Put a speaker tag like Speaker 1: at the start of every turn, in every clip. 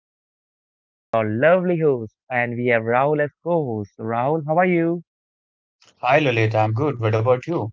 Speaker 1: My name is Lalit, your lovely host, and we have Rahul as co host. Rahul, how are you?
Speaker 2: Hi Lalita, I'm good. What about you?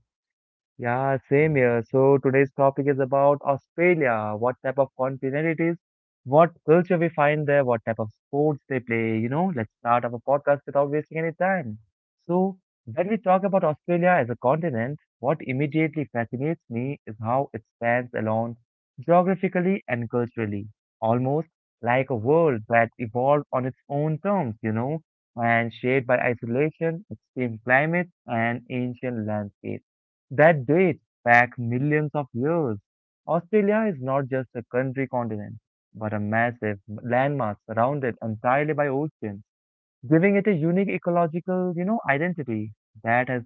Speaker 1: Yeah, same here. So today's topic is about Australia, what type of continent it is, what culture we find there, what type of sports they play, you know, let's start our podcast without wasting any time. So when we talk about Australia as a continent, what immediately fascinates me is how it stands alone geographically and culturally, almost like a world that evolved on its own terms, you know, and shaped by isolation, extreme climates, and ancient landscapes that dates back millions of years. Australia is not just a country continent, but a massive landmass surrounded entirely by oceans, giving it a unique ecological, you know, identity that has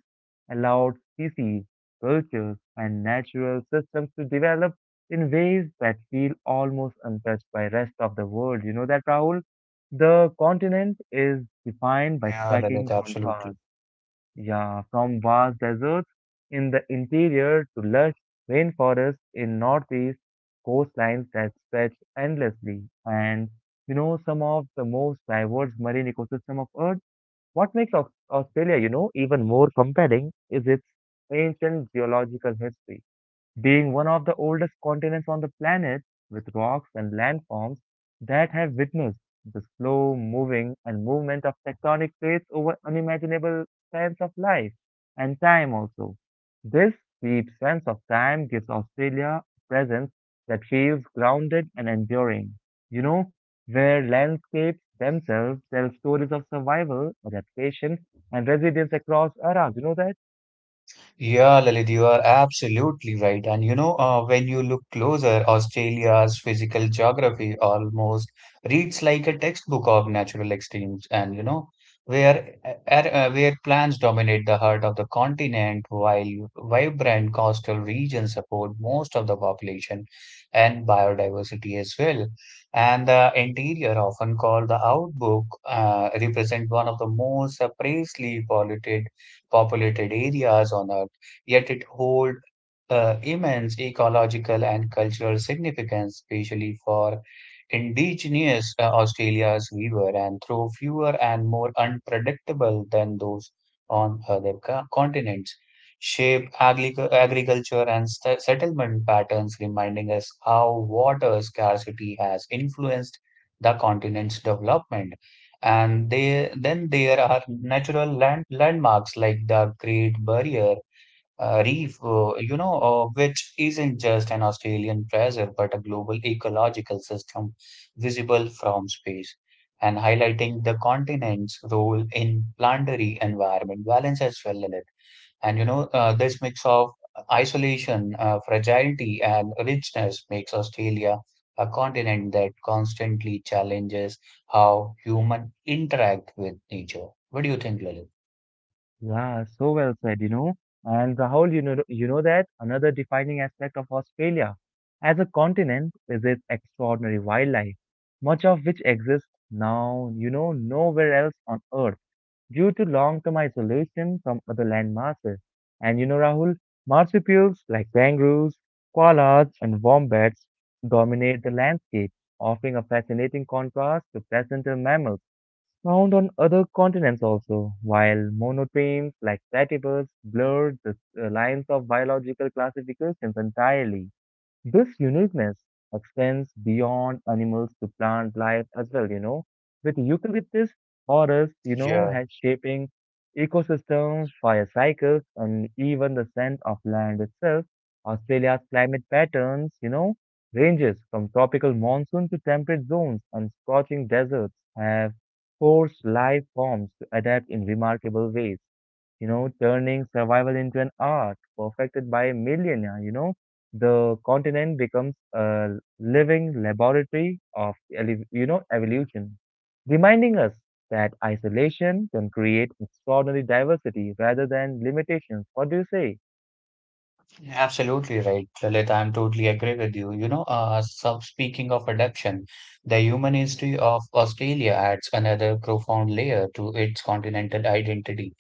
Speaker 1: allowed species, cultures, and natural systems to develop in ways that feel almost untouched by rest of the world. You know that, Rahul? The continent is defined by
Speaker 2: Yeah,
Speaker 1: striking
Speaker 2: Lalita,
Speaker 1: contrast,
Speaker 2: absolutely.
Speaker 1: yeah, from vast deserts in the interior to lush rainforests in northeast coastlines that stretch endlessly. And you know, some of the most diverse marine ecosystem of Earth. What makes Australia, you know, even more compelling is its ancient geological history, being one of the oldest continents on the planet, with rocks and landforms that have witnessed the slow moving and movement of tectonic plates over unimaginable spans of life and time also. This deep sense of time gives Australia a presence that feels grounded and enduring, you know, where landscapes themselves tell stories of survival, adaptation, and resilience across eras. You know that?
Speaker 2: Yeah, Lalit, you are absolutely right. And you know, when you look closer, Australia's physical geography almost reads like a textbook of natural extremes. And you know, where plants dominate the heart of the continent, while vibrant coastal regions support most of the population and biodiversity as well. And the interior, often called the outback, represent one of the most sparsely populated areas on Earth, yet it holds immense ecological and cultural significance, especially for indigenous Australia's weaver, and through fewer and more unpredictable than those on other continents. Shape agriculture and settlement patterns, reminding us how water scarcity has influenced the continent's development. Then there are natural landmarks like the Great Barrier reef, which isn't just an Australian treasure but a global ecological system visible from space, and highlighting the continent's role in planetary environment balance as well, Lilith. And you know, this mix of isolation, fragility, and richness makes Australia a continent that constantly challenges how human interact with nature. What do you think, Lilith?
Speaker 1: Yeah, so well said, you know. And Rahul, you know that another defining aspect of Australia as a continent is its extraordinary wildlife, much of which exists now, you know, nowhere else on Earth due to long-term isolation from other land masses. And you know, Rahul, marsupials like kangaroos, koalas, and wombats dominate the landscape, offering a fascinating contrast to placental mammals found on other continents also, while monotremes like platypus blurred the lines of biological classifications entirely. This uniqueness extends beyond animals to plant life as well, you know, with eucalyptus forests, you know,
Speaker 2: Yeah.
Speaker 1: has shaping ecosystems, fire cycles, and even the scent of land itself. Australia's climate patterns, you know, ranges from tropical monsoon to temperate zones and scorching deserts have forced life forms to adapt in remarkable ways, you know, turning survival into an art perfected by millennia, you know the continent becomes a living laboratory of you know evolution, reminding us that isolation can create extraordinary diversity rather than limitations. What do you say?
Speaker 2: Absolutely right, Lalit. I'm totally agree with you. You know, so speaking of adaptation, the human history of Australia adds another profound layer to its continental identity.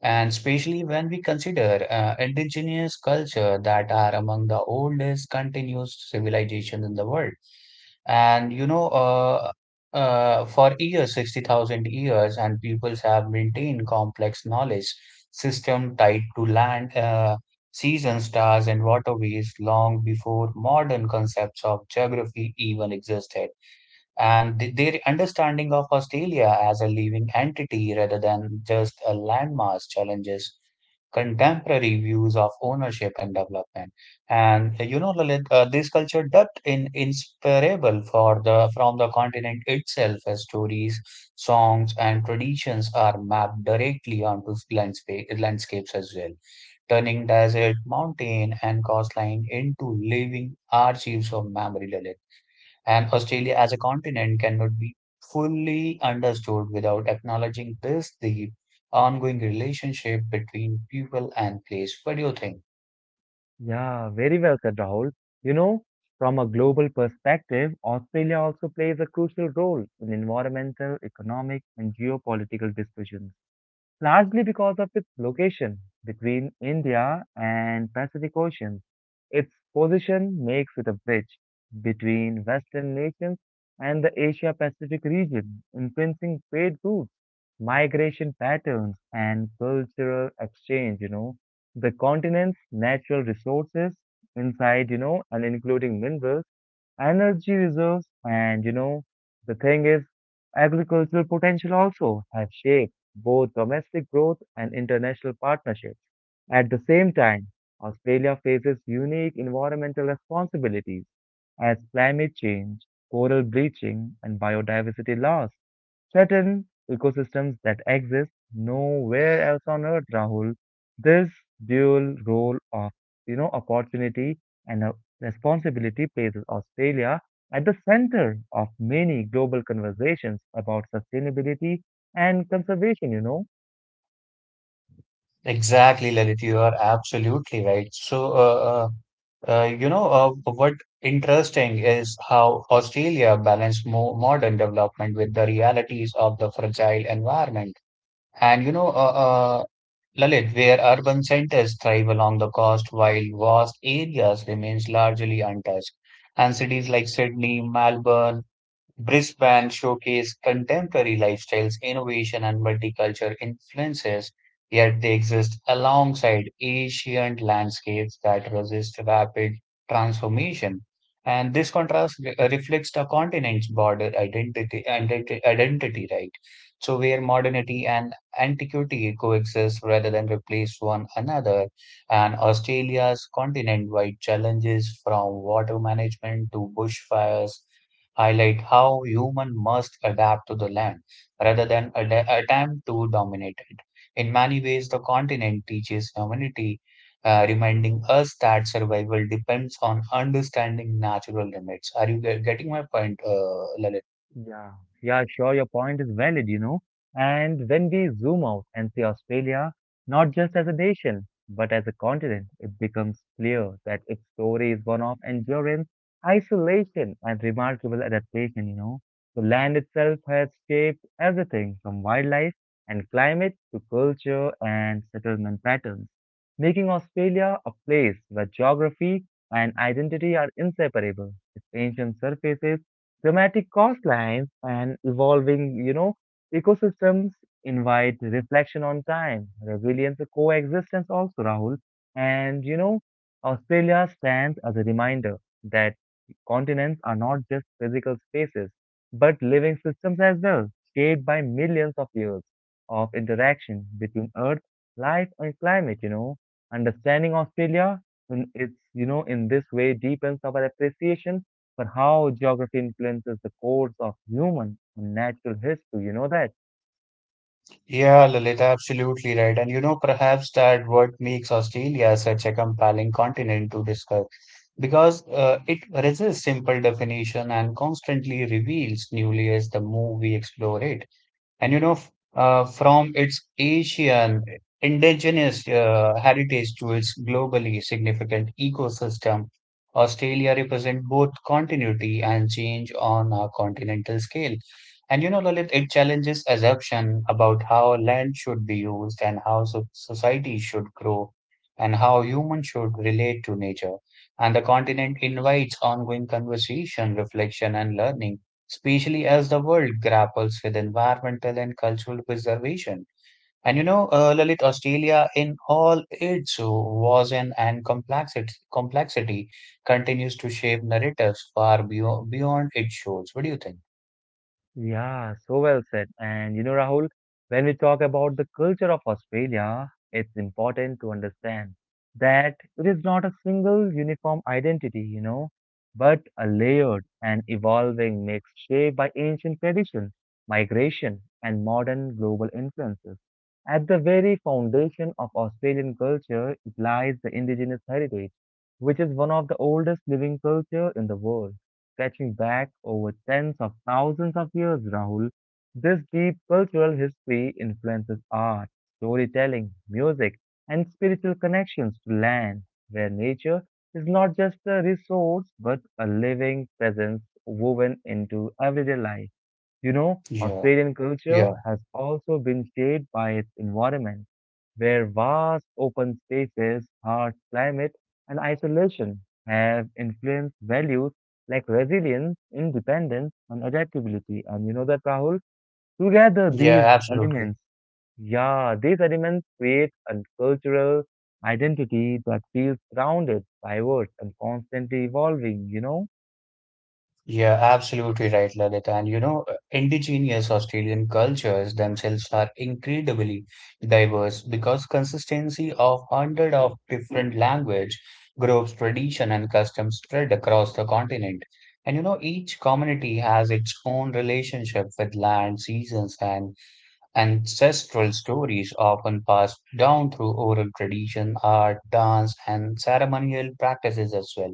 Speaker 2: And especially when we consider indigenous culture that are among the oldest continuous civilizations in the world. And you know, for years, 60,000 years, and peoples have maintained complex knowledge system tied to land, seasons, stars, and waterways long before modern concepts of geography even existed. And their understanding of Australia as a living entity rather than just a landmass challenges contemporary views of ownership and development. And you know, Lalit, this culture depth in inseparable for the from the continent itself, as stories, songs, and traditions are mapped directly onto landscapes as well, turning desert, mountain, and coastline into living archives of memory, Lalit. And Australia as a continent cannot be fully understood without acknowledging this deep, ongoing relationship between people and place. What do you think?
Speaker 1: Yeah, very well said, Rahul. You know, from a global perspective, Australia also plays a crucial role in environmental, economic, and geopolitical discussions, largely because of its location between India and Pacific Oceans. Its position makes it a bridge between Western nations and the Asia Pacific region, influencing trade routes, migration patterns, and cultural exchange, you know. The continent's natural resources inside, you know, and including minerals, energy reserves, and you know, the thing is, agricultural potential also have shaped both domestic growth and international partnerships. At the same time, Australia faces unique environmental responsibilities as climate change, coral bleaching, and biodiversity loss certain ecosystems that exist nowhere else on earth, Rahul. This dual role of, you know, opportunity and responsibility places Australia at the center of many global conversations about sustainability and conservation, you know.
Speaker 2: Exactly, Lalit, you are absolutely right. So, what interesting is how Australia balanced more modern development with the realities of the fragile environment. And, you know, Lalit, where urban centers thrive along the coast while vast areas remains largely untouched. And cities like Sydney, Melbourne, Brisbane showcased contemporary lifestyles, innovation, and multicultural influences, yet they exist alongside ancient landscapes that resist rapid transformation. And this contrast reflects the continent's border identity, right? So, where modernity and antiquity coexist rather than replace one another, and Australia's continent wide challenges from water management to bushfires highlight how human must adapt to the land rather than attempt to dominate it. In many ways, the continent teaches humanity, reminding us that survival depends on understanding natural limits. Are you getting my point, Lalit?
Speaker 1: Yeah, yeah, sure. Your point is valid, you know. And when we zoom out and see Australia, not just as a nation, but as a continent, it becomes clear that its story is one of endurance, isolation, and remarkable adaptation, you know. The land itself has shaped everything from wildlife and climate to culture and settlement patterns, making Australia a place where geography and identity are inseparable. Its ancient surfaces, dramatic coastlines, and evolving, you know, ecosystems invite reflection on time, resilience, and coexistence also, Rahul. And, you know, Australia stands as a reminder that continents are not just physical spaces, but living systems as well, shaped by millions of years of interaction between Earth, life, and climate, you know. Understanding Australia in it's, you know, in this way deepens our appreciation but how geography influences the course of human and natural history. You know that?
Speaker 2: Yeah, Lalit, absolutely right. And you know, perhaps that what makes Australia such a compelling continent to discuss because it resists simple definition and constantly reveals new layers the more we explore it. And you know, from its Asian indigenous heritage to its globally significant ecosystem, Australia represents both continuity and change on a continental scale. And you know, Lalit, it challenges assumption about how land should be used and how so society should grow and how humans should relate to nature. And the continent invites ongoing conversation, reflection, and learning, especially as the world grapples with environmental and cultural preservation. And you know, Lalit, Australia in all its vision and complexity continues to shape narratives far beyond its shores. What do you think?
Speaker 1: Yeah, so well said. And you know, Rahul, when we talk about the culture of Australia, it's important to understand that it is not a single uniform identity, you know, but a layered and evolving mix shaped by ancient tradition, migration, and modern global influences. At the very foundation of Australian culture, it lies the indigenous heritage, which is one of the oldest living culture in the world, stretching back over tens of thousands of years, Rahul. This deep cultural history influences art, storytelling, music, and spiritual connections to land, where nature is not just a resource but a living presence woven into everyday life. You know,
Speaker 2: Yeah,
Speaker 1: Australian culture
Speaker 2: yeah,
Speaker 1: has also been shaped by its environment, where vast open spaces, harsh climate, and isolation have influenced values like resilience, independence, and adaptability. And you know that, Rahul? Together, these
Speaker 2: yeah, absolutely.
Speaker 1: elements, yeah, these elements create a cultural identity that feels grounded, diverse, and constantly evolving, you know?
Speaker 2: Yeah, absolutely right, Lalit. And you know, indigenous Australian cultures themselves are incredibly diverse because consistency of hundred of different language groups, tradition, and customs spread across the continent. And you know, each community has its own relationship with land, seasons, and ancestral stories, often passed down through oral tradition, art, dance, and ceremonial practices as well.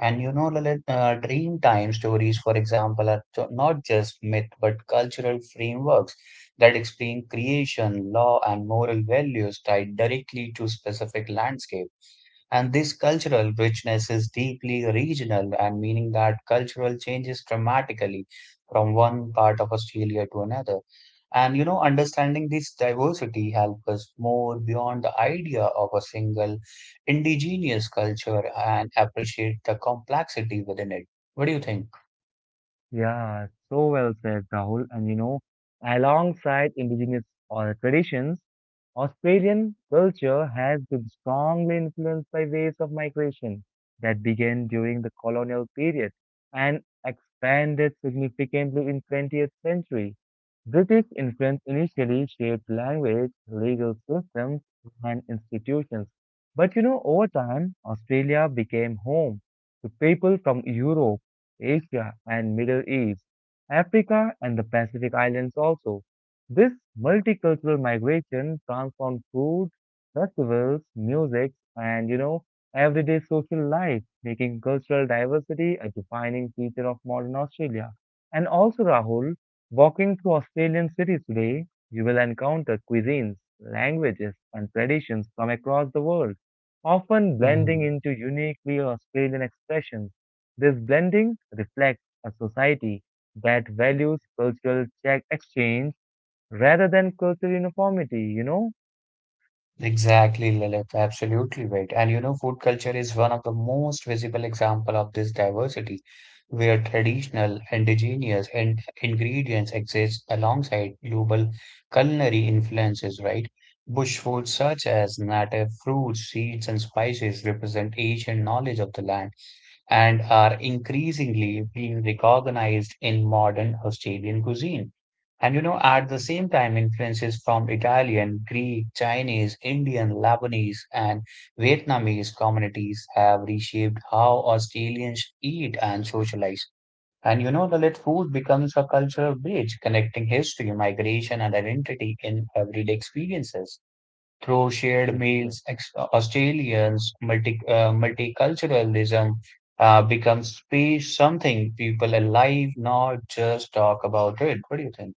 Speaker 2: And you know, Lalit, Dreamtime stories, for example, are not just myth but cultural frameworks that explain creation, law, and moral values tied directly to specific landscape. And this cultural richness is deeply regional and meaning that cultural changes dramatically from one part of Australia to another. And you know, understanding this diversity helps us more beyond the idea of a single indigenous culture and appreciate the complexity within it. What do you think?
Speaker 1: Yeah, so well said, Rahul. And you know, alongside indigenous traditions, Australian culture has been strongly influenced by waves of migration that began during the colonial period and expanded significantly in 20th century. British influence initially shaped language, legal systems, and institutions. But you know, over time, Australia became home to people from Europe, Asia and Middle East, Africa and the Pacific Islands also. This multicultural migration transformed food, festivals, music, and you know, everyday social life, making cultural diversity a defining feature of modern Australia. And also, Rahul, walking through Australian cities today, you will encounter cuisines, languages, and traditions from across the world, often blending into uniquely Australian expressions. This blending reflects a society that values cultural check exchange rather than cultural uniformity, you know?
Speaker 2: Exactly, Lilith. Absolutely right. And you know, food culture is one of the most visible example of this diversity, where traditional, indigenous, and ingredients exist alongside global culinary influences, right? Bush foods such as native fruits, seeds, and spices represent ancient knowledge of the land and are increasingly being recognized in modern Australian cuisine. And you know, at the same time, influences from Italian, Greek, Chinese, Indian, Lebanese, and Vietnamese communities have reshaped how Australians eat and socialize. And you know, the lit food becomes a cultural bridge connecting history, migration, and identity in everyday experiences through shared
Speaker 1: Exactly.
Speaker 2: meals, Australians multiculturalism becomes be something people alive, not just talk about it. What do you think?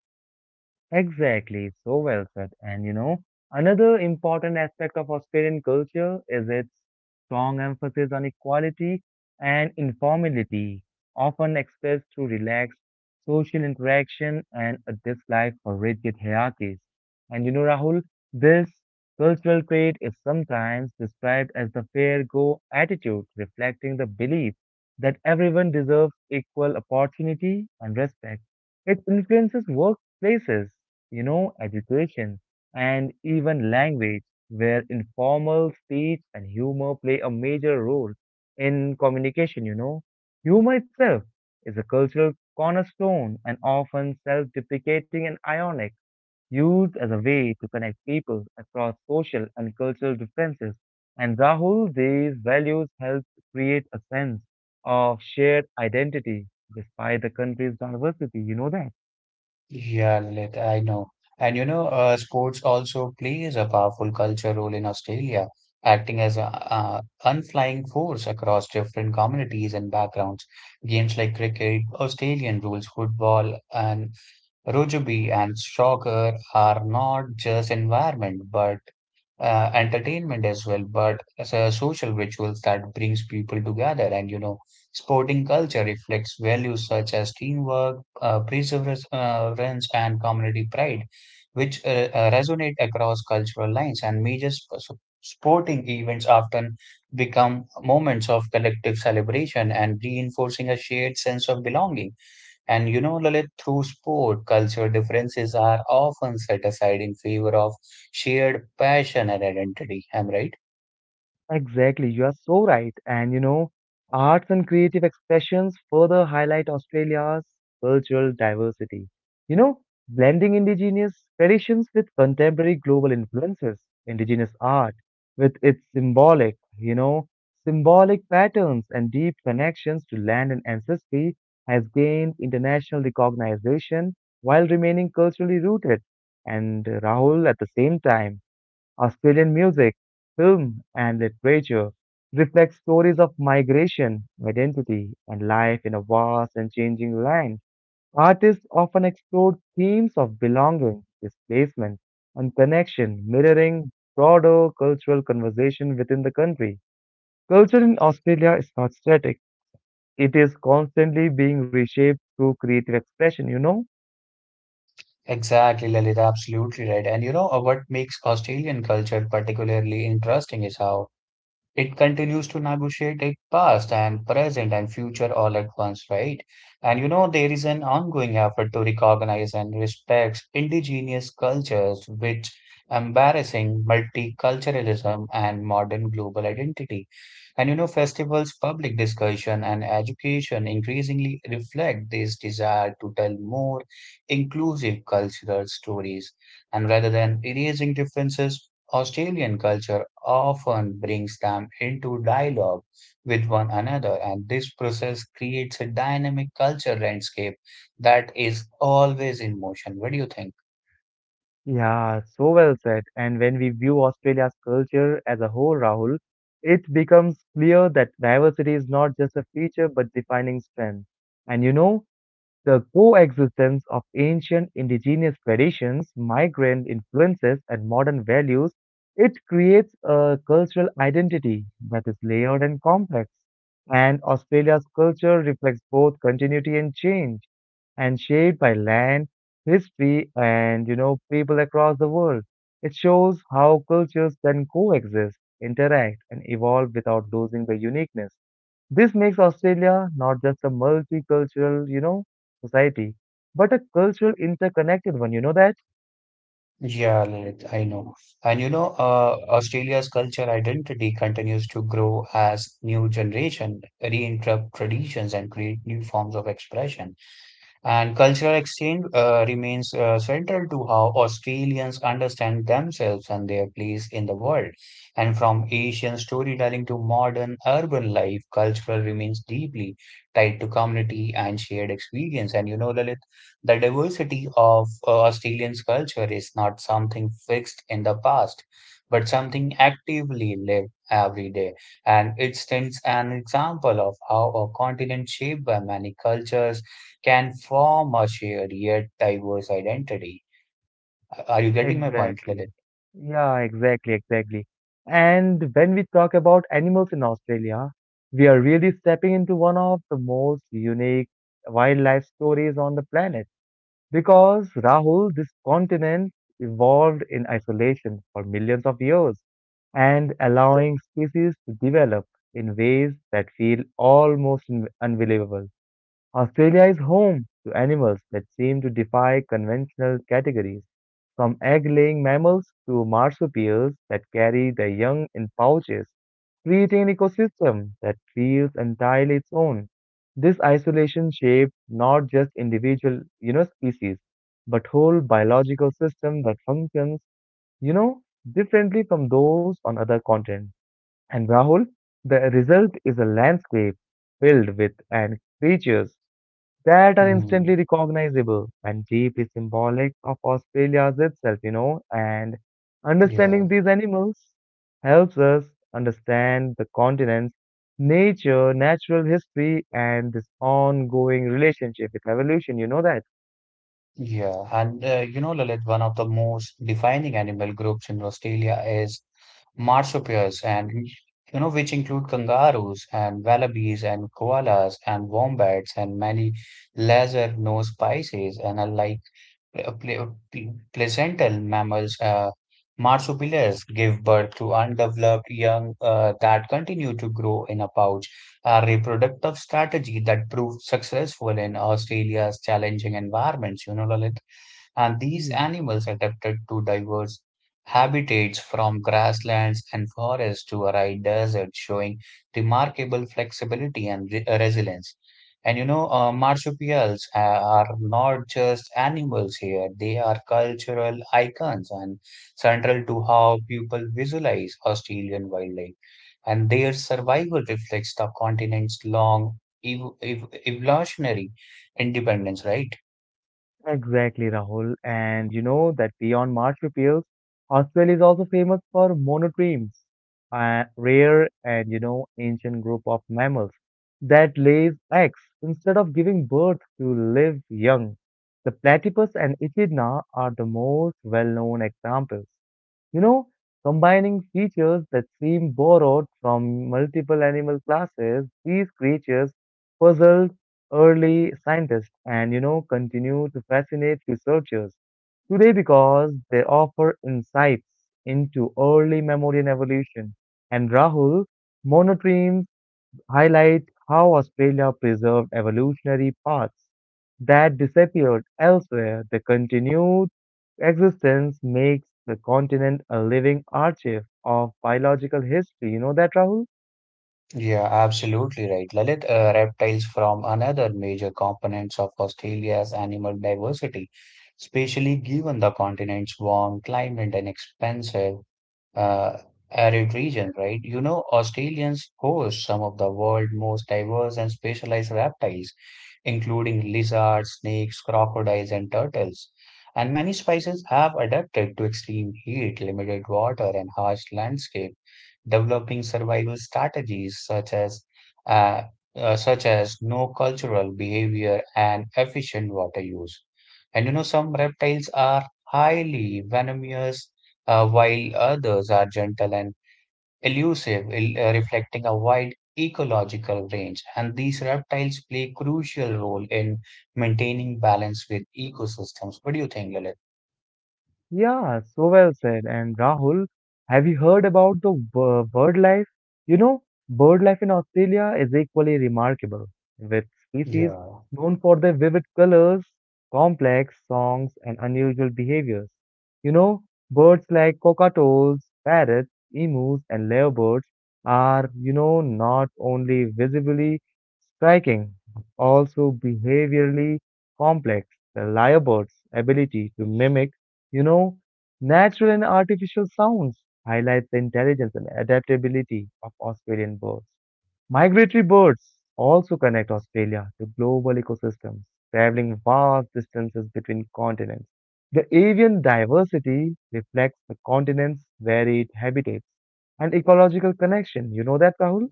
Speaker 1: Exactly, so well said. And you know, another important aspect of Australian culture is its strong emphasis on equality and informality, often expressed through relaxed social interaction and a dislike for rigid hierarchies. And you know, Rahul, this cultural trait is sometimes described as the fair go attitude, reflecting the belief that everyone deserves equal opportunity and respect. It influences workplaces, you know, education, and even language, where informal speech and humor play a major role in communication, you know. Humor itself is a cultural cornerstone and often self deprecating and ironic, used as a way to connect people across social and cultural differences. And Rahul, these values help create a sense of shared identity despite the country's diversity. You know that?
Speaker 2: Yeah, Lalit, I know. And you know, sports also plays a powerful culture role in Australia, acting as a, unflying force across different communities and backgrounds. Games like cricket, Australian rules football, and rugby and soccer are not just environment, but entertainment as well, but as a social rituals that brings people together. And you know, sporting culture reflects values such as teamwork, perseverance, and community pride, which resonate across cultural lines. And major sporting events often become moments of collective celebration and reinforcing a shared sense of belonging. And you know, Lalit, through sport, culture differences are often set aside in favor of shared passion and identity. I'm right?
Speaker 1: Exactly, you are so right. And you know, arts and creative expressions further highlight Australia's cultural diversity. You know, blending indigenous traditions with contemporary global influences, indigenous art with its symbolic, you know, symbolic patterns and deep connections to land and ancestry has gained international recognition while remaining culturally rooted. And Rahul, at the same time, Australian music, film, and literature reflect stories of migration, identity, and life in a vast and changing land. Artists often explored themes of belonging, displacement, and connection, mirroring broader cultural conversation within the country. Culture in Australia is not static, it is constantly being reshaped through creative expression, you know?
Speaker 2: Exactly, Lalit, absolutely right. And you know, what makes Australian culture particularly interesting is how it continues to negotiate its past and present and future all at once, right? And you know, there is an ongoing effort to recognize and respect indigenous cultures, which embarrassing multiculturalism and modern global identity. And you know, festivals, public discussion, and education increasingly reflect this desire to tell more inclusive cultural stories. And rather than erasing differences, Australian culture often brings them into dialogue with one another, and this process creates a dynamic culture landscape that is always in motion. What do you think?
Speaker 1: Yeah, so well said. And when we view Australia's culture as a whole, Rahul, it becomes clear that diversity is not just a feature but defining strength. And you know, the coexistence of ancient indigenous traditions, migrant influences, and modern values, it creates a cultural identity that is layered and complex. And Australia's culture reflects both continuity and change, and shaped by land, history, and you know people across the world. It shows how cultures can coexist, interact, and evolve without losing their uniqueness. This makes Australia not just a multicultural, you know, society, but a cultural interconnected one, you know that?
Speaker 2: Yeah, Lalit, I know. And you know, Australia's culture identity continues to grow as new generation reinterpret traditions and create new forms of expression. And cultural exchange remains central to how Australians understand themselves and their place in the world. And from Asian storytelling to modern urban life, cultural remains deeply tied to community and shared experience. And you know, Lalit, the diversity of Australians' culture is not something fixed in the past, but something actively lived every day. And it stands an example of how a continent shaped by many cultures can form a shared yet diverse identity. Are you getting my point,
Speaker 1: Exactly.
Speaker 2: Lalit?
Speaker 1: Yeah, exactly. And when we talk about animals in Australia, we are really stepping into one of the most unique wildlife stories on the planet. Because, Rahul, this continent evolved in isolation for millions of years and allowing species to develop in ways that feel almost unbelievable. Australia is home to animals that seem to defy conventional categories, from egg-laying mammals to marsupials that carry their young in pouches, creating an ecosystem that feels entirely its own. This isolation shaped not just individual, you know, species, but whole biological system that functions, you know, differently from those on other continents. And Rahul, the result is a landscape filled with and creatures that are
Speaker 2: Hmm.
Speaker 1: instantly recognizable and deeply symbolic of Australia's itself, you know, and
Speaker 2: Yeah,
Speaker 1: understanding these animals helps us understand the continent's natural history, and this ongoing relationship with evolution, you know that?
Speaker 2: yeah. And you know, Lalit, one of the most defining animal groups in Australia is marsupials, and you know, which include kangaroos and wallabies and koalas and wombats and many lesser-known species. And unlike placental mammals, marsupials give birth to undeveloped young that continue to grow in a pouch, a reproductive strategy that proved successful in Australia's challenging environments. You know, Lalit, and these
Speaker 1: Yeah.
Speaker 2: animals adapted to diverse habitats from grasslands and forests to arid deserts, showing remarkable flexibility and resilience. And you know, marsupials are not just animals here, they are cultural icons and central to how people visualize Australian wildlife. And their survival reflects the continent's long ev ev evolutionary independence, right?
Speaker 1: Exactly, Rahul. And you know that beyond marsupials, Australia is also famous for monotremes, a rare and ancient group of mammals that lays eggs instead of giving birth to live young. The platypus and echidna are the most well-known examples. You know, combining features that seem borrowed from multiple animal classes, these creatures puzzled early scientists and, continue to fascinate researchers today because they offer insights into early mammalian evolution. And Rahul, monotremes highlight how Australia preserved evolutionary paths that disappeared elsewhere. The continued existence makes the continent a living archive of biological history. You know that, Rahul?
Speaker 2: Yeah, absolutely right, Lalit. Reptiles from another major components of Australia's animal diversity, especially given the continent's warm climate and expansive uh, arid region, right? You know, Australians host some of the world's most diverse and specialized reptiles, including lizards, snakes, crocodiles, and turtles. And many species have adapted to extreme heat, limited water, and harsh landscape, developing survival strategies uh, such as no cultural behavior and efficient water use. And you know, some reptiles are highly venomous while others are gentle and elusive, reflecting a wide ecological range. And these reptiles play a crucial role in maintaining balance with ecosystems. What do you think, Lalit?
Speaker 1: Yeah, so well said. And Rahul, have you heard about the bird life? You know, bird life in Australia is equally remarkable, with species
Speaker 2: Yeah,
Speaker 1: known for their vivid colors, complex songs, and unusual behaviors. You know, birds like cockatoos, parrots, emus, and lyrebirds are, not only visibly striking, but also behaviorally complex. The lyrebird's ability to mimic you know, natural and artificial sounds highlight the intelligence and adaptability of Australian birds. Migratory birds also connect Australia to global ecosystems, traveling vast distances between continents. The avian diversity reflects the continent's varied habitats and ecological connection. You know that, Rahul?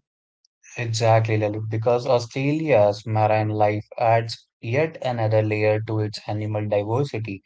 Speaker 2: exactly, Lalit. Because Australia's marine life adds yet another layer to its animal diversity.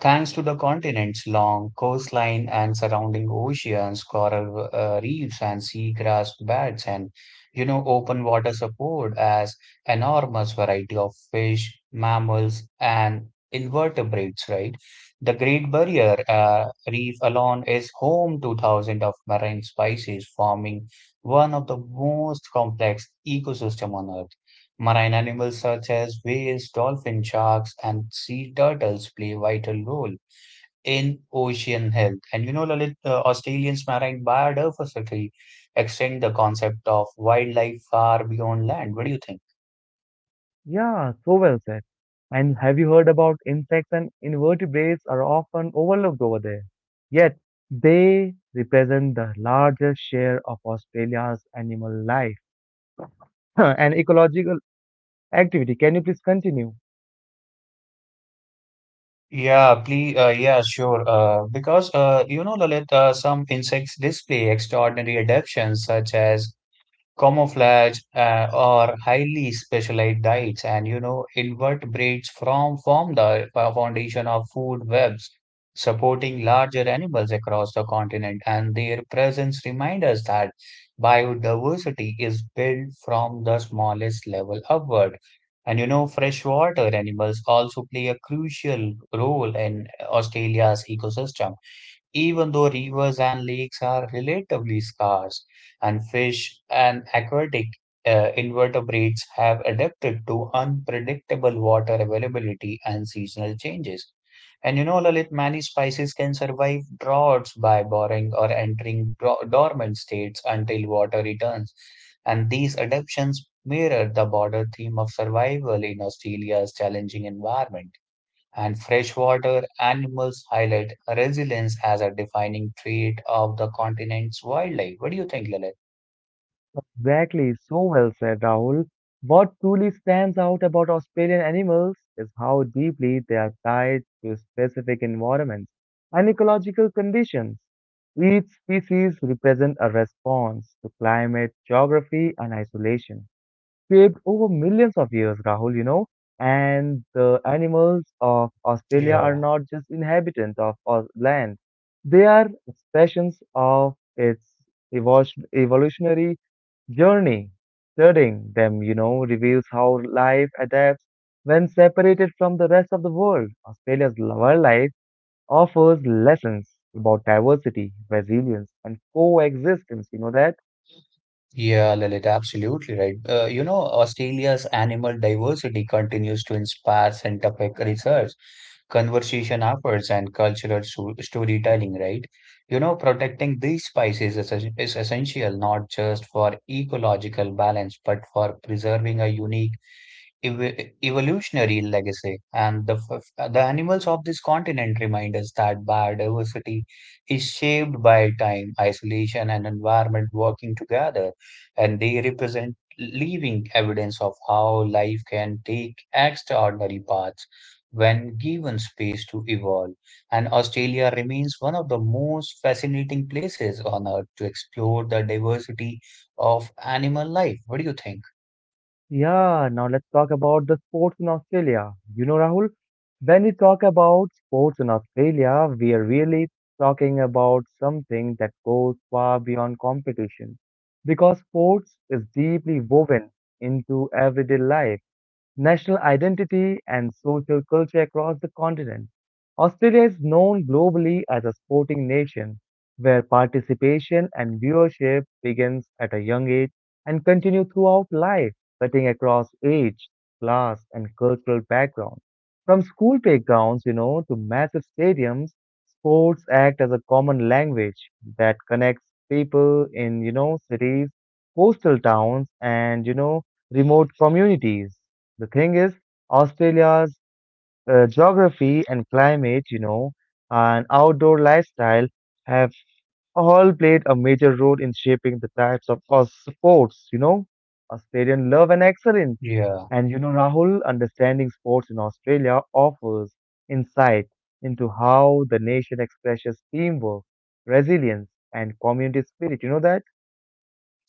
Speaker 2: Thanks to the continent's long coastline and surrounding oceans, coral reefs and seagrass beds and open water support as enormous variety of fish, mammals and invertebrates, right? The Great Barrier Reef alone is home to thousands of marine species, forming one of the most complex ecosystem on Earth. Marine animals such as whales, dolphins, sharks, and sea turtles play vital role in ocean health. And you know, Lalit, Australians' marine biodiversity extend the concept of wildlife far beyond land. What do you think?
Speaker 1: Yeah, so well said. And have you heard about insects and invertebrates are often overlooked over there? Yet, they represent the largest share of Australia's animal life and ecological activity. Can you please continue?
Speaker 2: Yeah, please. Yeah, sure. Because you know, Lalit, some insects display extraordinary adaptations, such as camouflage or highly specialized diets, and you know invertebrates from form the foundation of food webs supporting larger animals across the continent, and their presence reminds us that biodiversity is built from the smallest level upward. And you know freshwater animals also play a crucial role in Australia's ecosystem even though rivers and lakes are relatively scarce, and fish and aquatic invertebrates have adapted to unpredictable water availability and seasonal changes. And you know, Lalit, many species can survive droughts by borrowing or entering dormant states until water returns. And these adaptations mirror the broader theme of survival in Australia's challenging environment, and freshwater animals highlight resilience as a defining trait of the continent's wildlife. What do you think, Lalit?
Speaker 1: Exactly, so well said, Rahul. What truly stands out about Australian animals is how deeply they are tied to specific environments and ecological conditions. Each species represents a response to climate, geography, and isolation shaped over millions of years, Rahul, you know. And the animals of Australia are
Speaker 2: Yeah.
Speaker 1: not just inhabitants of our land, they are expressions of its evolutionary journey. Studying them, reveals how life adapts when separated from the rest of the world. Australia's wildlife offers lessons about diversity, resilience, and coexistence. You know that?
Speaker 2: Yeah, Lalit, absolutely right. You know, Australia's animal diversity continues to inspire scientific research, conservation efforts, and cultural so storytelling, right? You know, protecting these species is, is essential not just for ecological balance, but for preserving a unique evolutionary legacy. And the animals of this continent remind us that biodiversity is shaped by time, isolation, and environment working together. And they represent living evidence of how life can take extraordinary paths when given space to evolve. And Australia remains one of the most fascinating places on earth to explore the diversity of animal life. What do you think?
Speaker 1: Yeah, now let's talk about the sports in Australia. You know, Rahul, when we talk about sports in Australia, we are really talking about something that goes far beyond competition because sports is deeply woven into everyday life, national identity, and social culture across the continent. Australia is known globally as a sporting nation where participation and viewership begins at a young age and continue throughout life, cutting across age, class, and cultural background. From school playgrounds, to massive stadiums, sports act as a common language that connects people in, cities, coastal towns, and, remote communities. The thing is, Australia's geography and climate, and outdoor lifestyle have all played a major role in shaping the types of sports, you know. Australian love and excellence.
Speaker 2: Yeah.
Speaker 1: And, you know, Rahul, understanding sports in Australia offers insight into how the nation expresses teamwork, resilience, and community spirit. You know that?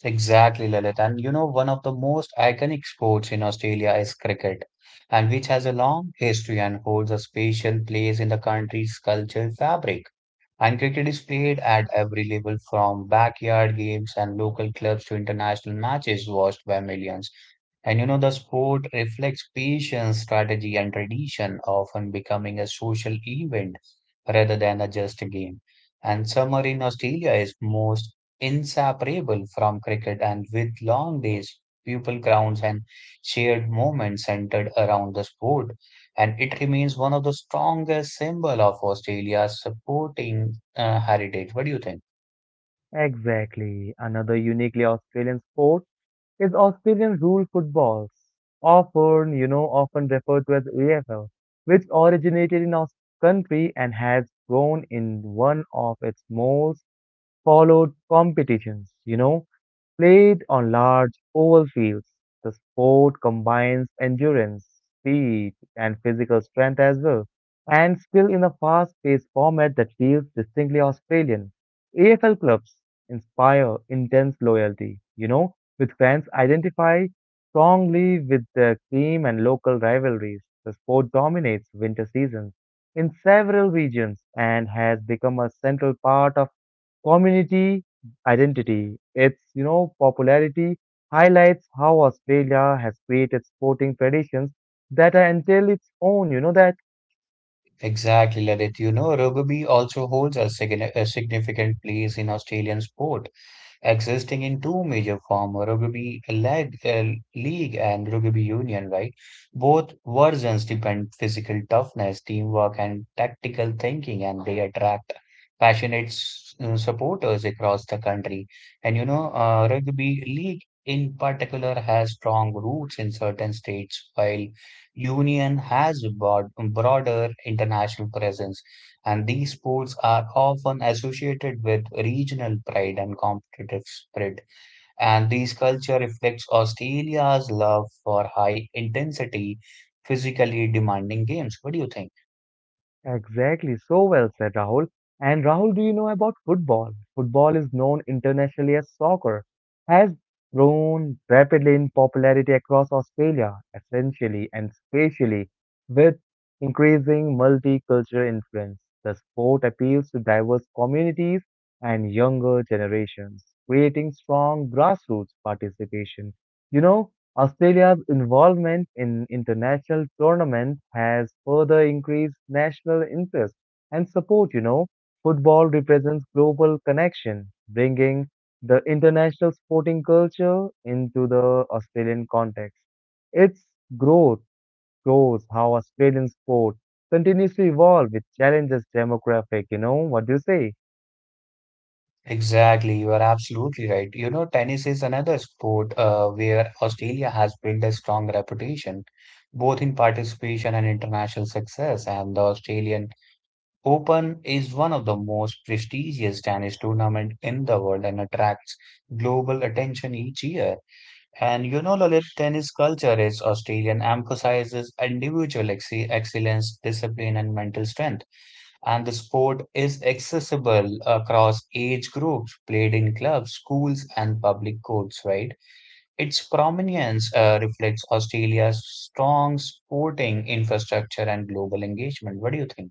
Speaker 2: Exactly, Lalit. And you know, one of the most iconic sports in Australia is cricket, and which has a long history and holds a special place in the country's cultural fabric. And cricket is played at every level from backyard games and local clubs to international matches watched by millions. And you know, the sport reflects patience, strategy, and tradition, often becoming a social event rather than a just a game. And summer in Australia is most inseparable from cricket, and with long days, people crowds, and shared moments centered around the sport, and it remains one of the strongest symbol of Australia's supporting heritage. What do you think?
Speaker 1: Exactly. Another uniquely Australian sport is Australian Rule Football, often referred to as AFL, which originated in our country and has grown in one of its most followed competitions, you know. Played on large oval fields, the sport combines endurance, speed, and physical strength as well, and still in a fast-paced format that feels distinctly Australian. AFL clubs inspire intense loyalty, you know, with fans identify strongly with their team and local rivalries. The sport dominates winter seasons in several regions and has become a central part of community identity. Its, popularity highlights how Australia has created sporting traditions that are entirely its own. You know that?
Speaker 2: Exactly, Ladit. You know, rugby also holds a, a significant place in Australian sport, existing in two major forms, league and rugby union, right? Both versions depend physical toughness, teamwork, and tactical thinking, and they attract passionate supporters across the country. And you know rugby league in particular has strong roots in certain states, while union has broader international presence, and these sports are often associated with regional pride and competitive spirit. And this culture reflects Australia's love for high intensity, physically demanding games. What do you think?
Speaker 1: Exactly, so well said, Rahul. And Rahul, do you know about football? Football is known internationally as soccer, has grown rapidly in popularity across Australia, essentially and spatially, with increasing multicultural influence. The sport appeals to diverse communities and younger generations, creating strong grassroots participation. You know, Australia's involvement in international tournaments has further increased national interest and support, you know. Football represents global connection, bringing the international sporting culture into the Australian context. Its growth shows how Australian sport continues to evolve with challenges demographic, you know. What do you say?
Speaker 2: Exactly, you are absolutely right. You know, tennis is another sport where Australia has built a strong reputation, both in participation and international success. And the Australian Open is one of the most prestigious tennis tournament in the world and attracts global attention each year. And you know, Lalit, tennis culture is Australian, emphasizes individual ex excellence, discipline, and mental strength. And the sport is accessible across age groups, played in clubs, schools, and public courts, right? Its prominence reflects Australia's strong sporting infrastructure and global engagement. What do you think?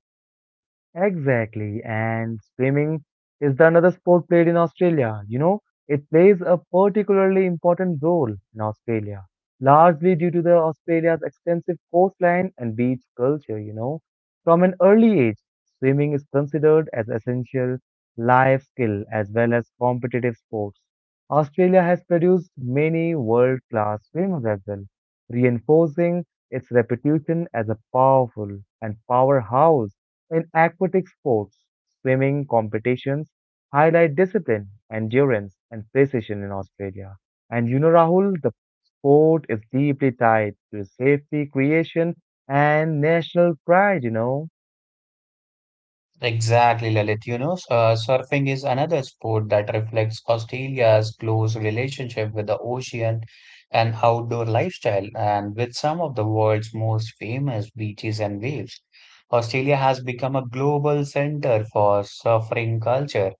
Speaker 1: Exactly. And swimming is the another sport played in Australia. You know, it plays a particularly important role in Australia, largely due to the Australia's extensive coastline and beach culture, you know. From an early age, swimming is considered as essential life skill as well as competitive sports. Australia has produced many world-class swimmers as well, reinforcing its reputation as a powerful and powerhouse in aquatic sports, swimming competitions highlight discipline, endurance, and precision in Australia. And you know, Rahul, the sport is deeply tied to safety, creation, and national pride, you know.
Speaker 2: Exactly, Lalit. You know, surfing is another sport that reflects Australia's close relationship with the ocean and outdoor lifestyle, and with some of the world's most famous beaches and waves. Australia has become a global center for surfing culture.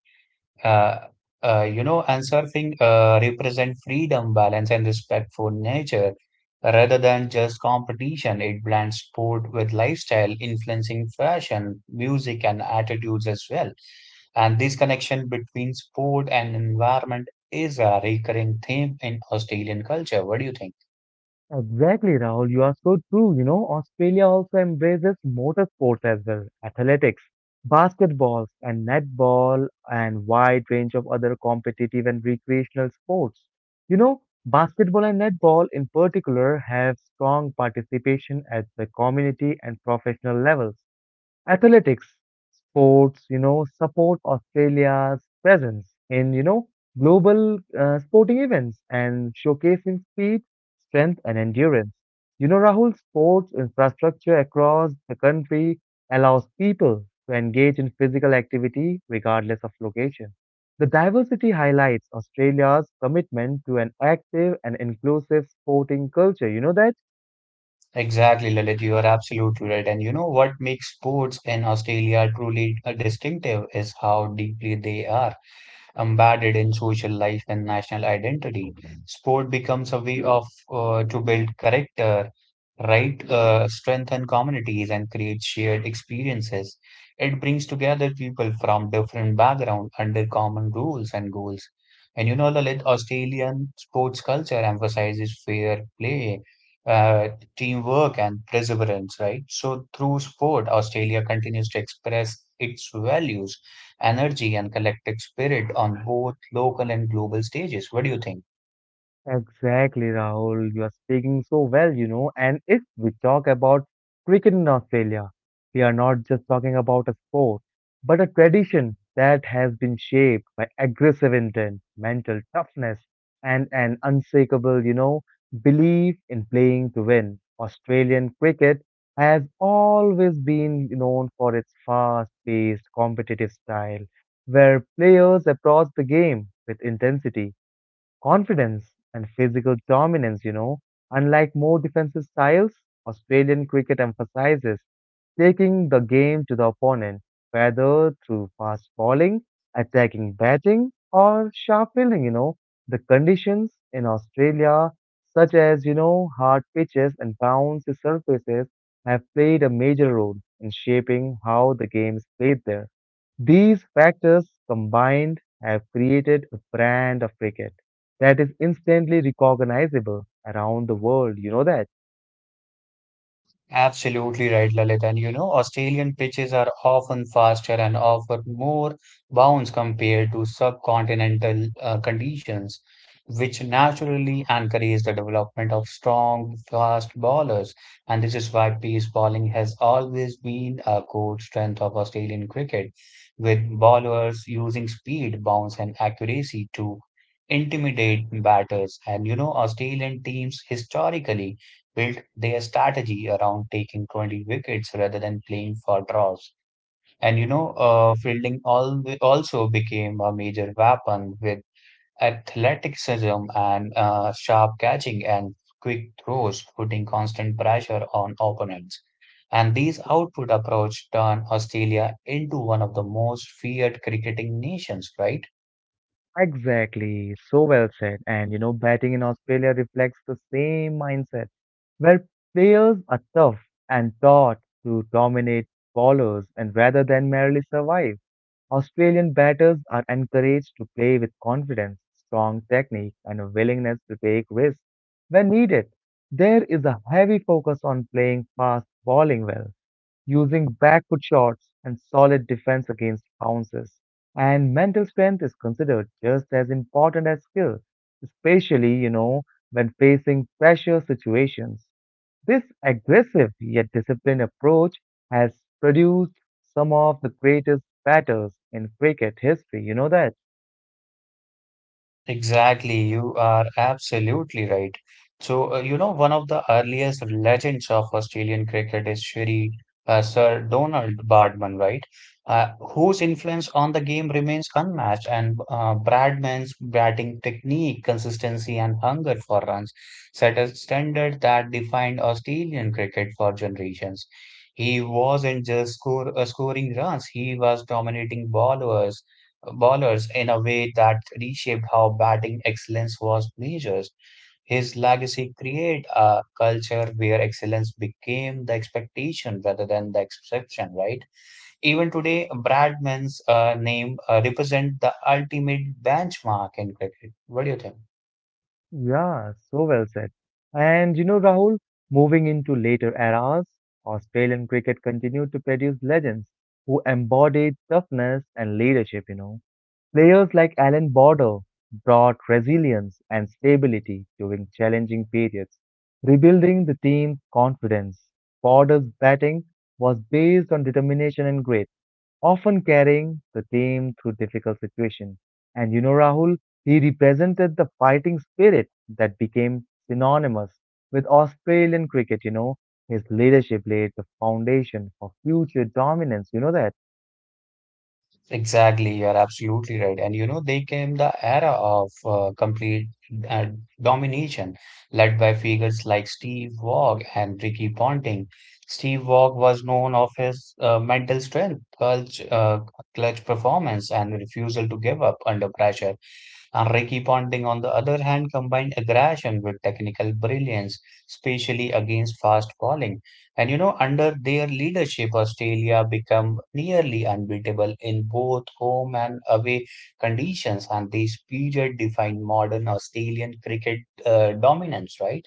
Speaker 2: Uh, you know, and surfing represent freedom, balance, and respect for nature rather than just competition. It blends sport with lifestyle, influencing fashion, music, and attitudes as well. And this connection between sport and environment is a recurring theme in Australian culture. What do you think?
Speaker 1: Exactly, Rahul. You are so true. You know, Australia also embraces motorsports as well, athletics, basketballs, and netball, and wide range of other competitive and recreational sports. You know, basketball and netball in particular have strong participation at the community and professional levels. Athletics, sports, support Australia's presence in, global sporting events and showcasing speed, strength, and endurance. You know, Rahul, sports infrastructure across the country allows people to engage in physical activity regardless of location. The diversity highlights Australia's commitment to an active and inclusive sporting culture. You know that?
Speaker 2: Exactly, Lalit, you are absolutely right. And you know what makes sports in Australia truly distinctive is how deeply they are embedded in social life and national identity. Sport becomes a way of to build character, right, strengthen communities, and create shared experiences. It brings together people from different backgrounds under common rules and goals. And you know, Lalit, Australian sports culture emphasizes fair play, uh, teamwork, and perseverance, right? So, through sport, Australia continues to express its values, energy, and collective spirit on both local and global stages. What do you think?
Speaker 1: Exactly, Rahul. You are speaking so well, you know. And if we talk about cricket in Australia, we are not just talking about a sport, but a tradition that has been shaped by aggressive intent, mental toughness, and an unshakable, belief in playing to win. Australian cricket has always been known for its fast-paced, competitive style, where players approach the game with intensity, confidence, and physical dominance, you know. Unlike more defensive styles, Australian cricket emphasizes taking the game to the opponent, whether through fast bowling, attacking batting, or sharp fielding, you know. The conditions in Australia, such as, hard pitches and bouncy surfaces, have played a major role in shaping how the game is played there. These factors combined have created a brand of cricket that is instantly recognizable around the world. You know that?
Speaker 2: Absolutely right, Lalit. And you know, Australian pitches are often faster and offer more bounce compared to subcontinental conditions, which naturally encourage the development of strong, fast bowlers. And this is why pace bowling has always been a core strength of Australian cricket, with bowlers using speed, bounce, and accuracy to intimidate batters. And you know, Australian teams historically built their strategy around taking 20 wickets rather than playing for draws. And you know, fielding al also became a major weapon with athleticism and sharp catching and quick throws, putting constant pressure on opponents. And these output approach turned Australia into one of the most feared cricketing nations, right?
Speaker 1: Exactly. So well said. And you know, batting in Australia reflects the same mindset where players are tough and taught to dominate bowlers and rather than merely survive. Australian batters are encouraged to play with confidence, strong technique, and a willingness to take risks when needed. There is a heavy focus on playing fast, bowling well, using backward shots and solid defense against bounces. And mental strength is considered just as important as skill, especially, when facing pressure situations. This aggressive yet disciplined approach has produced some of the greatest batters in cricket history. You know that?
Speaker 2: Exactly, you are absolutely right. So, you know, one of the earliest legends of Australian cricket is Shri Sir Donald Bradman, right? Whose influence on the game remains unmatched, and Bradman's batting technique, consistency, and hunger for runs set a standard that defined Australian cricket for generations. He wasn't just scoring runs, he was dominating bowlers in a way that reshaped how batting excellence was measured. His legacy created a culture where excellence became the expectation rather than the exception, right? Even today, Bradman's name represents the ultimate benchmark in cricket. What do you think?
Speaker 1: Yeah, so well said. And you know, Rahul, moving into later eras, Australian cricket continued to produce legends who embodied toughness and leadership, you know. Players like Alan Border brought resilience and stability during challenging periods, rebuilding the team's confidence. Border's batting was based on determination and grit, often carrying the team through difficult situations. And you know, Rahul, he represented the fighting spirit that became synonymous with Australian cricket. You know, his leadership laid the foundation for future dominance. You know that.
Speaker 2: Exactly, you are absolutely right. And you know, they came the era of complete uh, domination, led by figures like Steve Waugh and Ricky Ponting. Steve Waugh was known of his mental strength, clutch performance, and refusal to give up under pressure. And Ricky Ponting, on the other hand, combined aggression with technical brilliance, especially against fast bowling. And you know, under their leadership, Australia became nearly unbeatable in both home and away conditions. And this period defined modern Australian cricket dominance, right?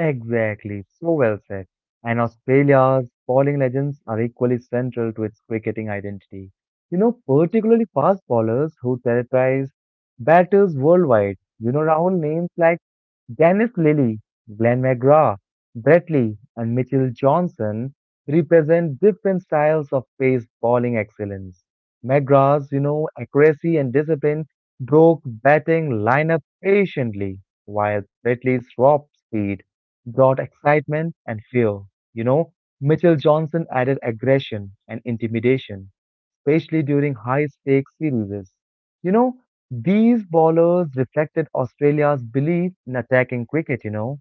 Speaker 1: Exactly, so well said. And Australia's bowling legends are equally central to its cricketing identity. You know, particularly fast bowlers who terrorize batters worldwide. You know, Rahul, names like Dennis Lilly, Glenn McGrath, Brett Lee, and Mitchell Johnson represent different styles of pace bowling excellence. McGrath's, accuracy and discipline broke batting lineup patiently, while Brett Lee's raw speed brought excitement and fear. You know, Mitchell Johnson added aggression and intimidation, especially during high stakes series. You know, these bowlers reflected Australia's belief in attacking cricket, you know.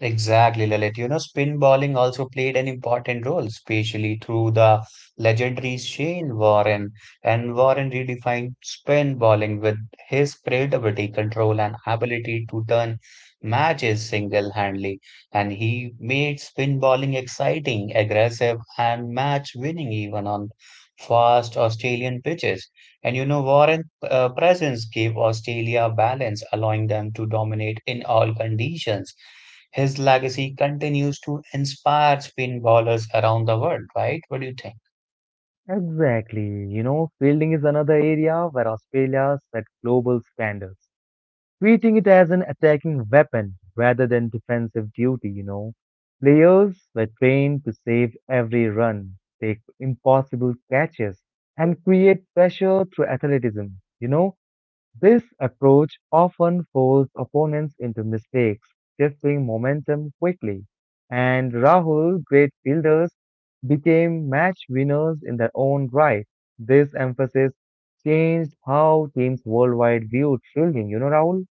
Speaker 2: Exactly, Lalit. You know, spin bowling also played an important role, especially through the legendary Shane Warren. And Warren redefined spin bowling with his creativity, control, and ability to turn matches single-handedly. And he made spin bowling exciting, aggressive, and match-winning even on fast Australian pitches. And you know, Warren's presence gave Australia balance, allowing them to dominate in all conditions. His legacy continues to inspire spin bowlers around the world, right? What do you think?
Speaker 1: Exactly. You know, fielding is another area where Australia set global standards, treating it as an attacking weapon rather than defensive duty, you know. Players were trained to save every run, take impossible catches, and create pressure through athleticism. You know, this approach often forced opponents into mistakes, shifting momentum quickly. And Rahul, great fielders became match winners in their own right. This emphasis changed how teams worldwide viewed fielding. You know, Rahul?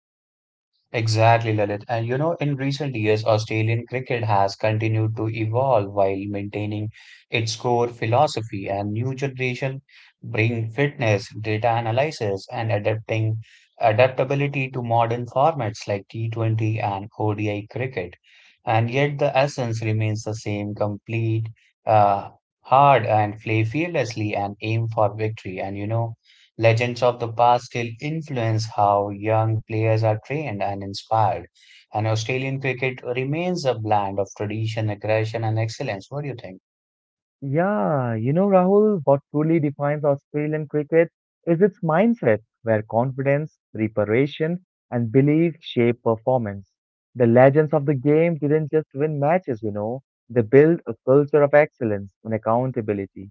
Speaker 2: Exactly, Lalit. And you know, in recent years, Australian cricket has continued to evolve while maintaining its core philosophy, and new generation bring fitness, data analysis, and adapting adaptability to modern formats like T20 and ODI cricket. And yet the essence remains the same, complete, uh, hard and play fearlessly and aim for victory. And you know, Legends of the past still influence how young players are trained and inspired, and Australian cricket remains a blend of tradition, aggression, and excellence. What do you think?
Speaker 1: Yeah, you know, Rahul, what truly defines Australian cricket is its mindset, where confidence, preparation, and belief shape performance. The legends of the game didn't just win matches, they built a culture of excellence and accountability.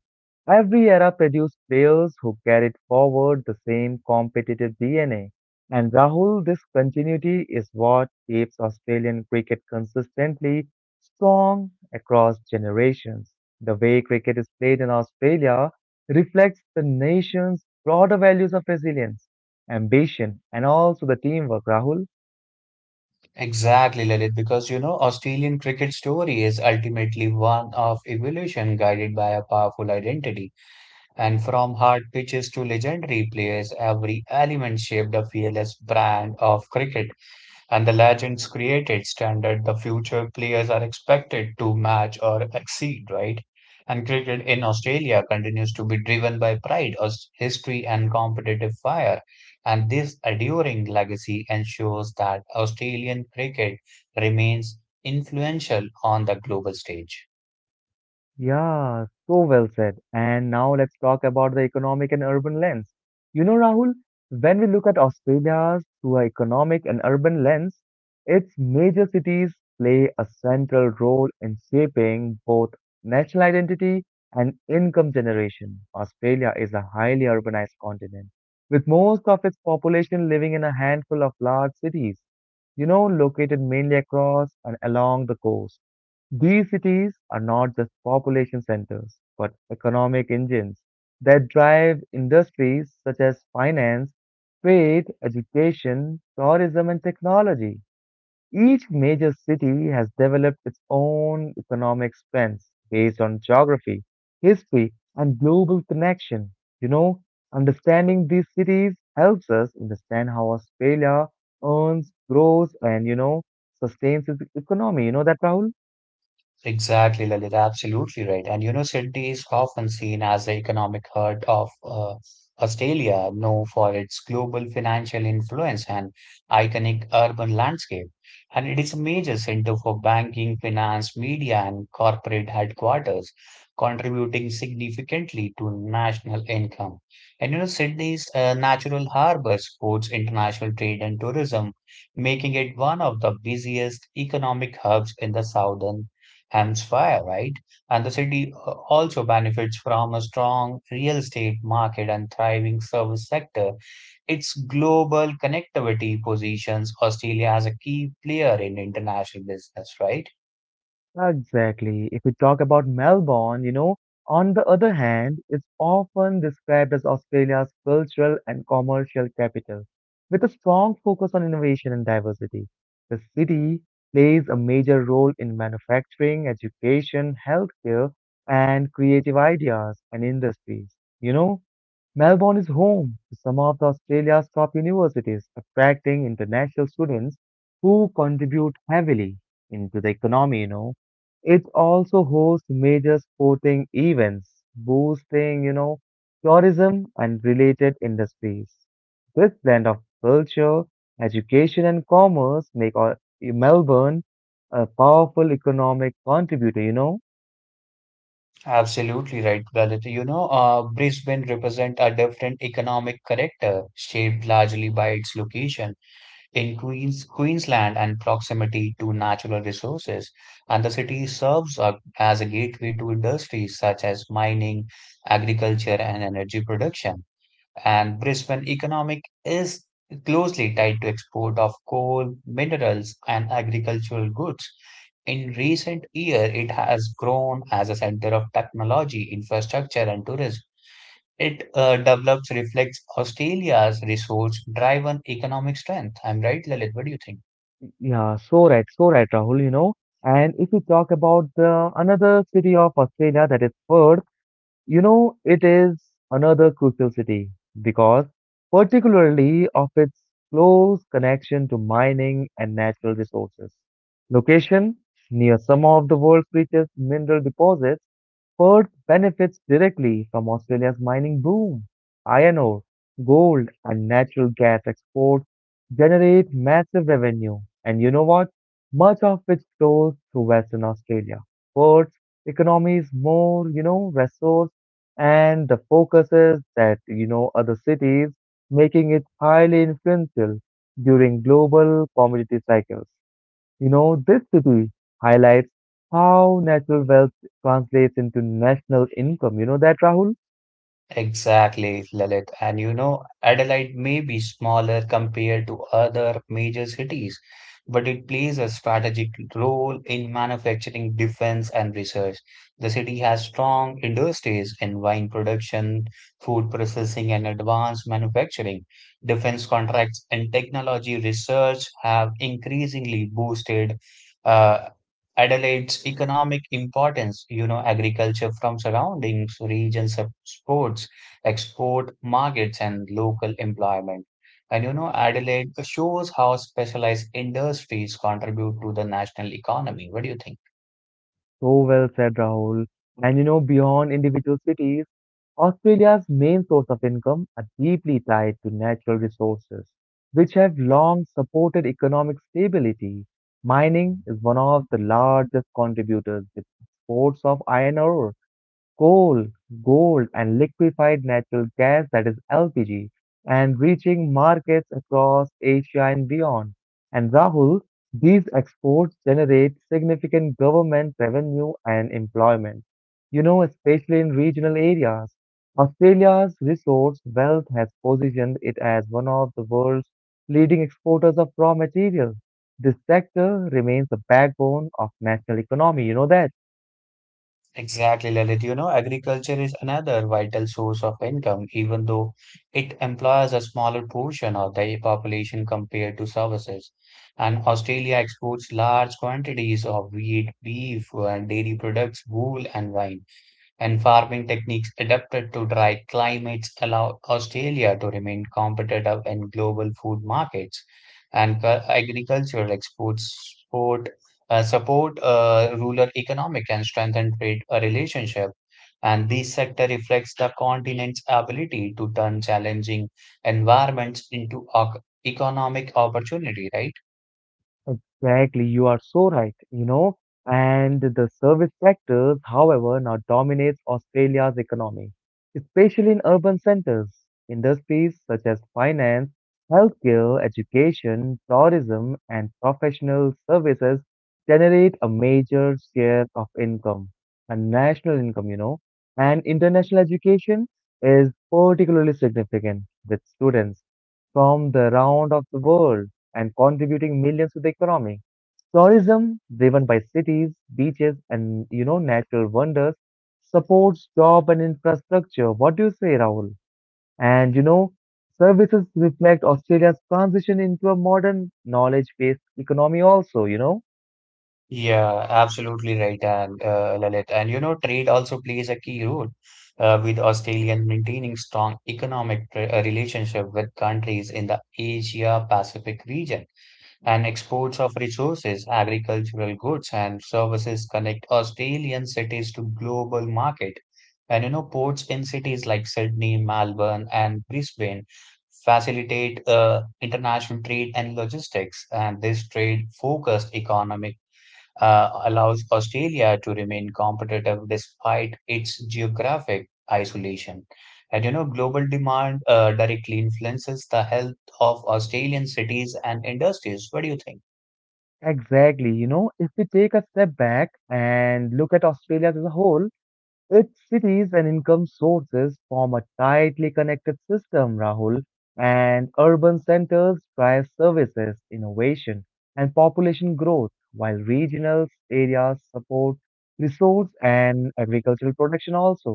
Speaker 1: Every era produced players who carried forward the same competitive DNA. And Rahul, this continuity is what keeps Australian cricket consistently strong across generations. The way cricket is played in Australia reflects the nation's broader values of resilience, ambition, and also the teamwork, Rahul.
Speaker 2: Exactly, Lalit, because you know, Australian cricket story is ultimately one of evolution guided by a powerful identity. And from hard pitches to legendary players, every element shaped a fearless brand of cricket, and the legends created standard the future players are expected to match or exceed, right? And cricket in Australia continues to be driven by pride, history, and competitive fire. And this enduring legacy ensures that Australian cricket remains influential on the global stage.
Speaker 1: Yeah, so well said. And now let's talk about the economic and urban lens. You know, Rahul, when we look at Australia through an economic and urban lens, its major cities play a central role in shaping both national identity and income generation. Australia is a highly urbanized continent, with most of its population living in a handful of large cities, located mainly across and along the coast. These cities are not just population centers, but economic engines that drive industries such as finance, trade, education, tourism, and technology. Each major city has developed its own economic strengths based on geography, history, and global connection. You know, understanding these cities helps us understand how Australia earns, grows, and sustains its economy. You know that, Rahul?
Speaker 2: Exactly, Lalit, absolutely right. And you know, Sydney is often seen as the economic heart of Australia, known for its global financial influence and iconic urban landscape. And it is a major center for banking, finance, media, and corporate headquarters, contributing significantly to national income. And you know, Sydney's natural harbor supports international trade and tourism, making it one of the busiest economic hubs in the southern Hemsfire, right? And the city also benefits from a strong real estate market and thriving service sector. Its global connectivity positions Australia as a key player in international business, right?
Speaker 1: Exactly. If we talk about Melbourne, you know, on the other hand, it's often described as Australia's cultural and commercial capital, with a strong focus on innovation and diversity. The city plays a major role in manufacturing, education, healthcare, and creative ideas and industries. You know, Melbourne is home to some of the Australia's top universities, attracting international students who contribute heavily into the economy. It also hosts major sporting events, boosting tourism and related industries. This blend of culture, education and commerce make Melbourne a powerful economic contributor.
Speaker 2: Absolutely right, Lalit. You know, Brisbane represents a different economic character shaped largely by its location in Queensland and proximity to natural resources, and the city serves as a gateway to industries such as mining, agriculture, and energy production. And Brisbane economic is closely tied to export of coal, minerals, and agricultural goods. In recent year, it has grown as a center of technology, infrastructure, and tourism. It develops reflects Australia's resource-driven economic strength. I'm right, Lalit? What do you think?
Speaker 1: Yeah, so right, so right, Rahul, you know. And if we talk about the another city of Australia that is Perth, you know, it is another crucial city because, particularly of its close connection to mining and natural resources. Location near some of the world's richest mineral deposits, Perth benefits directly from Australia's mining boom. Iron ore, gold, and natural gas exports generate massive revenue, and you know what? Much of it flows through Western Australia. Perth's economy is more resource and the focuses that you know other cities, making it highly influential during global commodity cycles. You know, this city highlights how natural wealth translates into national income. You know that, Rahul?
Speaker 2: Exactly, Lalit. And you know, Adelaide may be smaller compared to other major cities, but it plays a strategic role in manufacturing, defense, and research. The city has strong industries in wine production, food processing, and advanced manufacturing. Defense contracts and technology research have increasingly boosted uh, Adelaide's economic importance, you know, agriculture from surroundings, regions, sports, export markets, and local employment. And you know, Adelaide shows how specialized industries contribute to the national economy. What do you think?
Speaker 1: So well said, Rahul. And you know, beyond individual cities, Australia's main source of income are deeply tied to natural resources, which have long supported economic stability. Mining is one of the largest contributors with exports of iron ore, coal, gold, and liquefied natural gas that is LPG and reaching markets across Asia and beyond. And Rahul, these exports generate significant government revenue and employment, you know, especially in regional areas. Australia's resource wealth has positioned it as one of the world's leading exporters of raw materials. This sector remains the backbone of national economy, you know that.
Speaker 2: Exactly, Lalit. You know, agriculture is another vital source of income, even though it employs a smaller portion of the population compared to services. And Australia exports large quantities of wheat, beef, and dairy products, wool, and wine and farming techniques adapted to dry climates allow Australia to remain competitive in global food markets. And agricultural exports support, uh, support rural economic and strengthen trade relationship. And this sector reflects the continent's ability to turn challenging environments into economic opportunity, right?
Speaker 1: Exactly, you are so right, you know. And the service sectors, however, now dominates Australia's economy, especially in urban centers. Industries such as finance, healthcare, education, tourism, and professional services generate a major share of income and national income, you know. And international education is particularly significant with students from the round of the world and contributing millions to the economy. Tourism, driven by cities, beaches, and you know natural wonders, supports job and infrastructure. What do you say, Rahul? And you know, services reflect Australia's transition into a modern knowledge-based economy. Also, you know,
Speaker 2: Yeah, absolutely right, and Lalit. And you know, trade also plays a key role with Australia in maintaining strong economic relationship with countries in the Asia Pacific region. And exports of resources, agricultural goods, and services connect Australian cities to global market. And you know, ports in cities like Sydney, Melbourne, and Brisbane facilitate international trade and logistics. And this trade-focused economic allows Australia to remain competitive despite its geographic isolation. And you know, global demand directly influences the health of Australian cities and industries. What do you think?
Speaker 1: exactly. You know, if we take a step back and look at Australia as a whole, its cities and income sources form a tightly connected system, Rahul, and urban centers drive services, innovation, and population growth, while regional areas support resource and agricultural production also.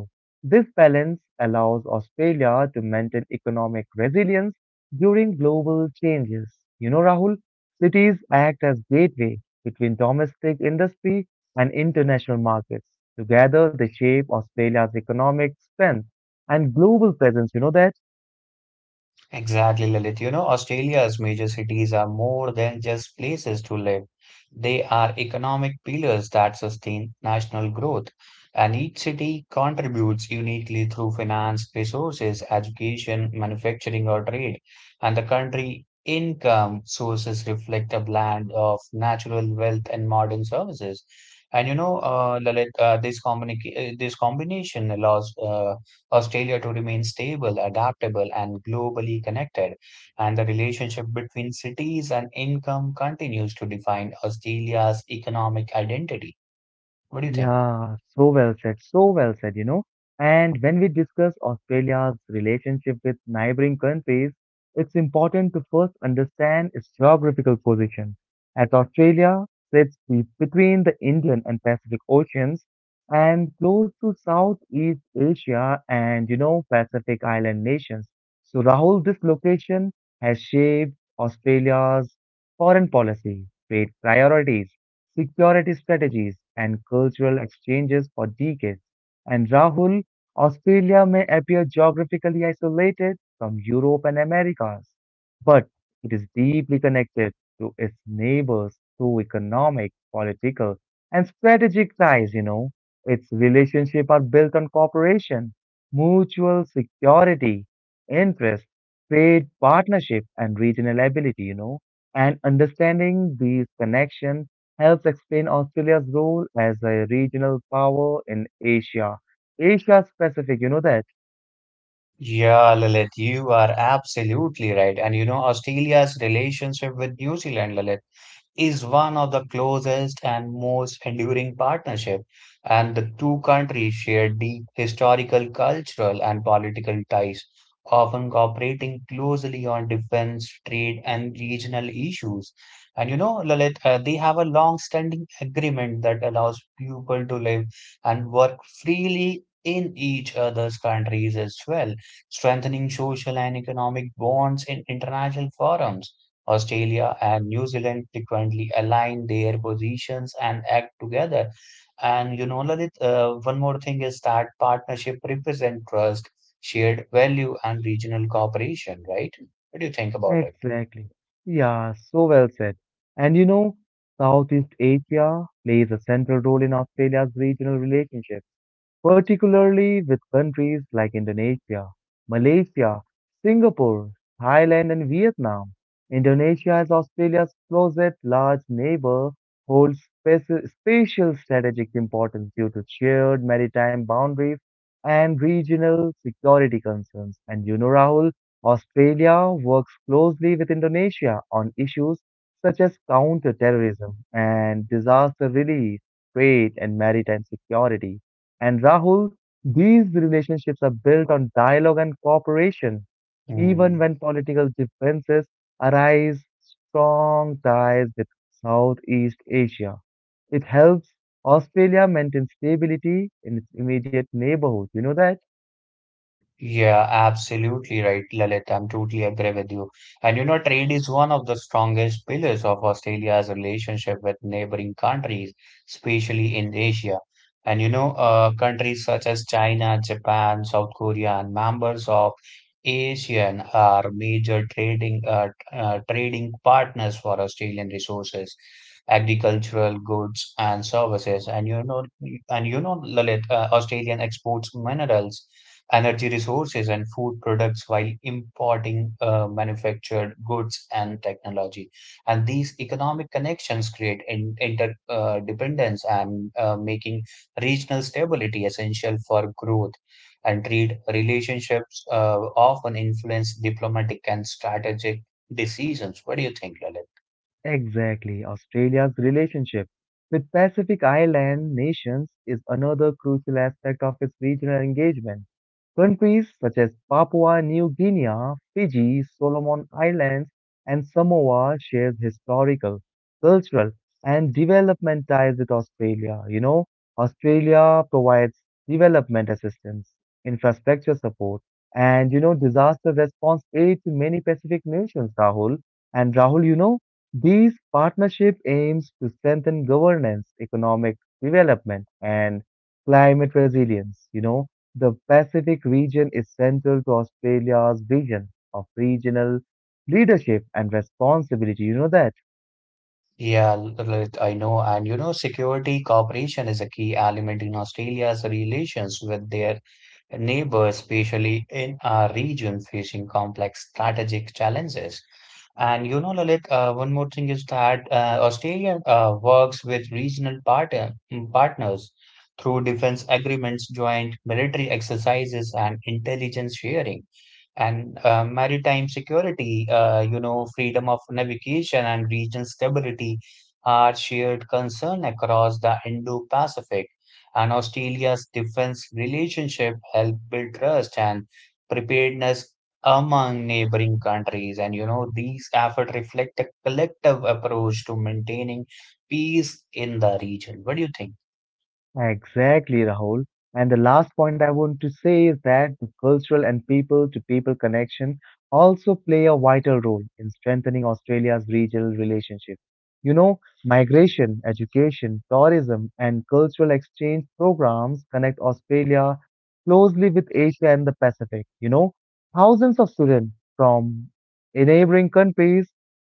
Speaker 1: This balance allows Australia to maintain economic resilience during global changes. You know, Rahul, cities act as gateway between domestic industry and international markets. Together, they shape Australia's economic strength and global presence. You know that?
Speaker 2: Exactly, Lalit. You know, Australia's major cities are more than just places to live. They are economic pillars that sustain national growth, and each city contributes uniquely through finance, resources, education, manufacturing, or trade. And the country income sources reflect a blend of natural wealth and modern services. And you know, Lalit, this combination allows Australia to remain stable, adaptable, and globally connected. And the relationship between cities and income continues to define Australia's economic identity. What do you think?
Speaker 1: Yeah, so well said, you know. And when we discuss Australia's relationship with neighboring countries, it's important to first understand its geographical position, as Australia sits between the Indian and Pacific Oceans and close to Southeast Asia and, you know, Pacific Island nations. So, Rahul, this location has shaped Australia's foreign policy, trade priorities security strategies, and cultural exchanges for decades. And Rahul, Australia may appear geographically isolated from Europe and Americas, but it is deeply connected to its neighbors through economic, political, and strategic ties, you know. Its relationships are built on cooperation, mutual security, interest, trade partnership, and regional ability, you know and understanding these connections helps explain Australia's role as a regional power in Asia. Asia specific, you know that?
Speaker 2: Yeah, Lalit, you are absolutely right. And you know, Australia's relationship with New Zealand, Lalit. Is one of the closest and most enduring partnership, and the two countries share deep historical, cultural, and political ties, often cooperating closely on defense, trade, and regional issues. And you know, Lalit, they have a long-standing agreement that allows people to live and work freely in each other's countries as well, strengthening social and economic bonds in international forums. Australia and New Zealand frequently align their positions and act together. And you know, Lalit, one more thing is that partnership represent trust, shared value, and regional cooperation, right? What do you think about it?
Speaker 1: Exactly. Yeah, so well said. And you know, Southeast Asia plays a central role in Australia's regional relationship. Particularly with countries like Indonesia, Malaysia, Singapore, Thailand, and Vietnam. Indonesia is Australia's closest large neighbor, holds spatial strategic importance due to shared maritime boundaries and regional security concerns. And you know, Rahul, Australia works closely with Indonesia on issues such as counter-terrorism and disaster relief, trade, and maritime security. And Rahul, these relationships are built on dialogue and cooperation. Even
Speaker 2: Mm.
Speaker 1: when political differences arise, strong ties with Southeast Asia. It helps Australia maintain stability in its immediate neighborhood. You know that?
Speaker 2: Yeah, absolutely right, Lalit. I'm totally agree with you. And you know, trade is one of the strongest pillars of Australia's relationship with neighboring countries, especially in Asia. And you know, countries such as China, Japan, South Korea, and members of ASEAN are major trading partners for Australian resources, agricultural goods, and services. And you know, Lalit, Australian exports minerals energy resources and food products while importing manufactured goods and technology. And these economic connections create in, interdependence and making regional stability essential for growth. And trade relationships often influence diplomatic and strategic decisions. What do you think, Lalit?
Speaker 1: Exactly. Australia's relationship with Pacific Island nations is another crucial aspect of its regional engagement. Countries such as Papua New Guinea, Fiji, Solomon Islands, and Samoa share historical, cultural, and development ties with Australia. You know, Australia provides development assistance, infrastructure support, and you know, disaster response aid to many Pacific nations, Rahul. And Rahul, you know, these partnership aims to strengthen governance, economic development, and climate resilience. You know, the Pacific region is central to Australia's vision of regional leadership and responsibility. You know that.
Speaker 2: Yeah, Lalit, I know. And you know, security cooperation is a key element in Australia's relations with their neighbors, especially in a region facing complex strategic challenges. And you know, Lalit, one more thing is that Australia works with regional partners through defense agreements, joint military exercises, and intelligence sharing and maritime security, you know, freedom of navigation and regional stability are shared concern across the Indo-Pacific. And Australia's defense relationship help build trust and preparedness among neighboring countries. And you know, these efforts reflect a collective approach to maintaining peace in the region. What do you think?
Speaker 1: Exactly, Rahul. And the last point I want to say is that the cultural and people to people connection also play a vital role in strengthening Australia's regional relationship. You know, migration, education, tourism, and cultural exchange programs connect Australia closely with Asia and the Pacific. You know, thousands of students from neighboring countries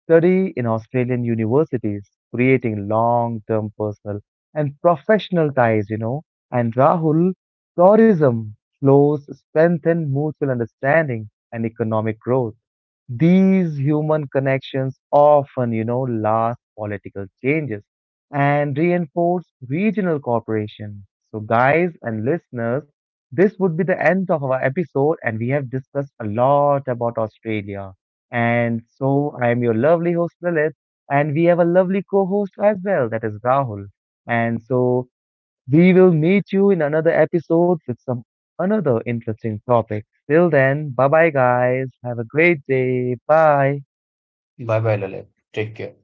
Speaker 1: study in Australian universities, creating long-term personal and professional ties, you know. And Rahul, tourism flows strengthen mutual understanding and economic growth. These human connections often last political changes and reinforce regional cooperation. So, guys and listeners, this would be the end of our episode, and we have discussed a lot about Australia. And so, I am your lovely host, Lilith, and we have a lovely co host as well, that is Rahul. And so, we will meet you in another episode with some another interesting topic. Till then, bye bye, guys. Have a great day. Bye.
Speaker 2: Bye bye, Lalit. Take care.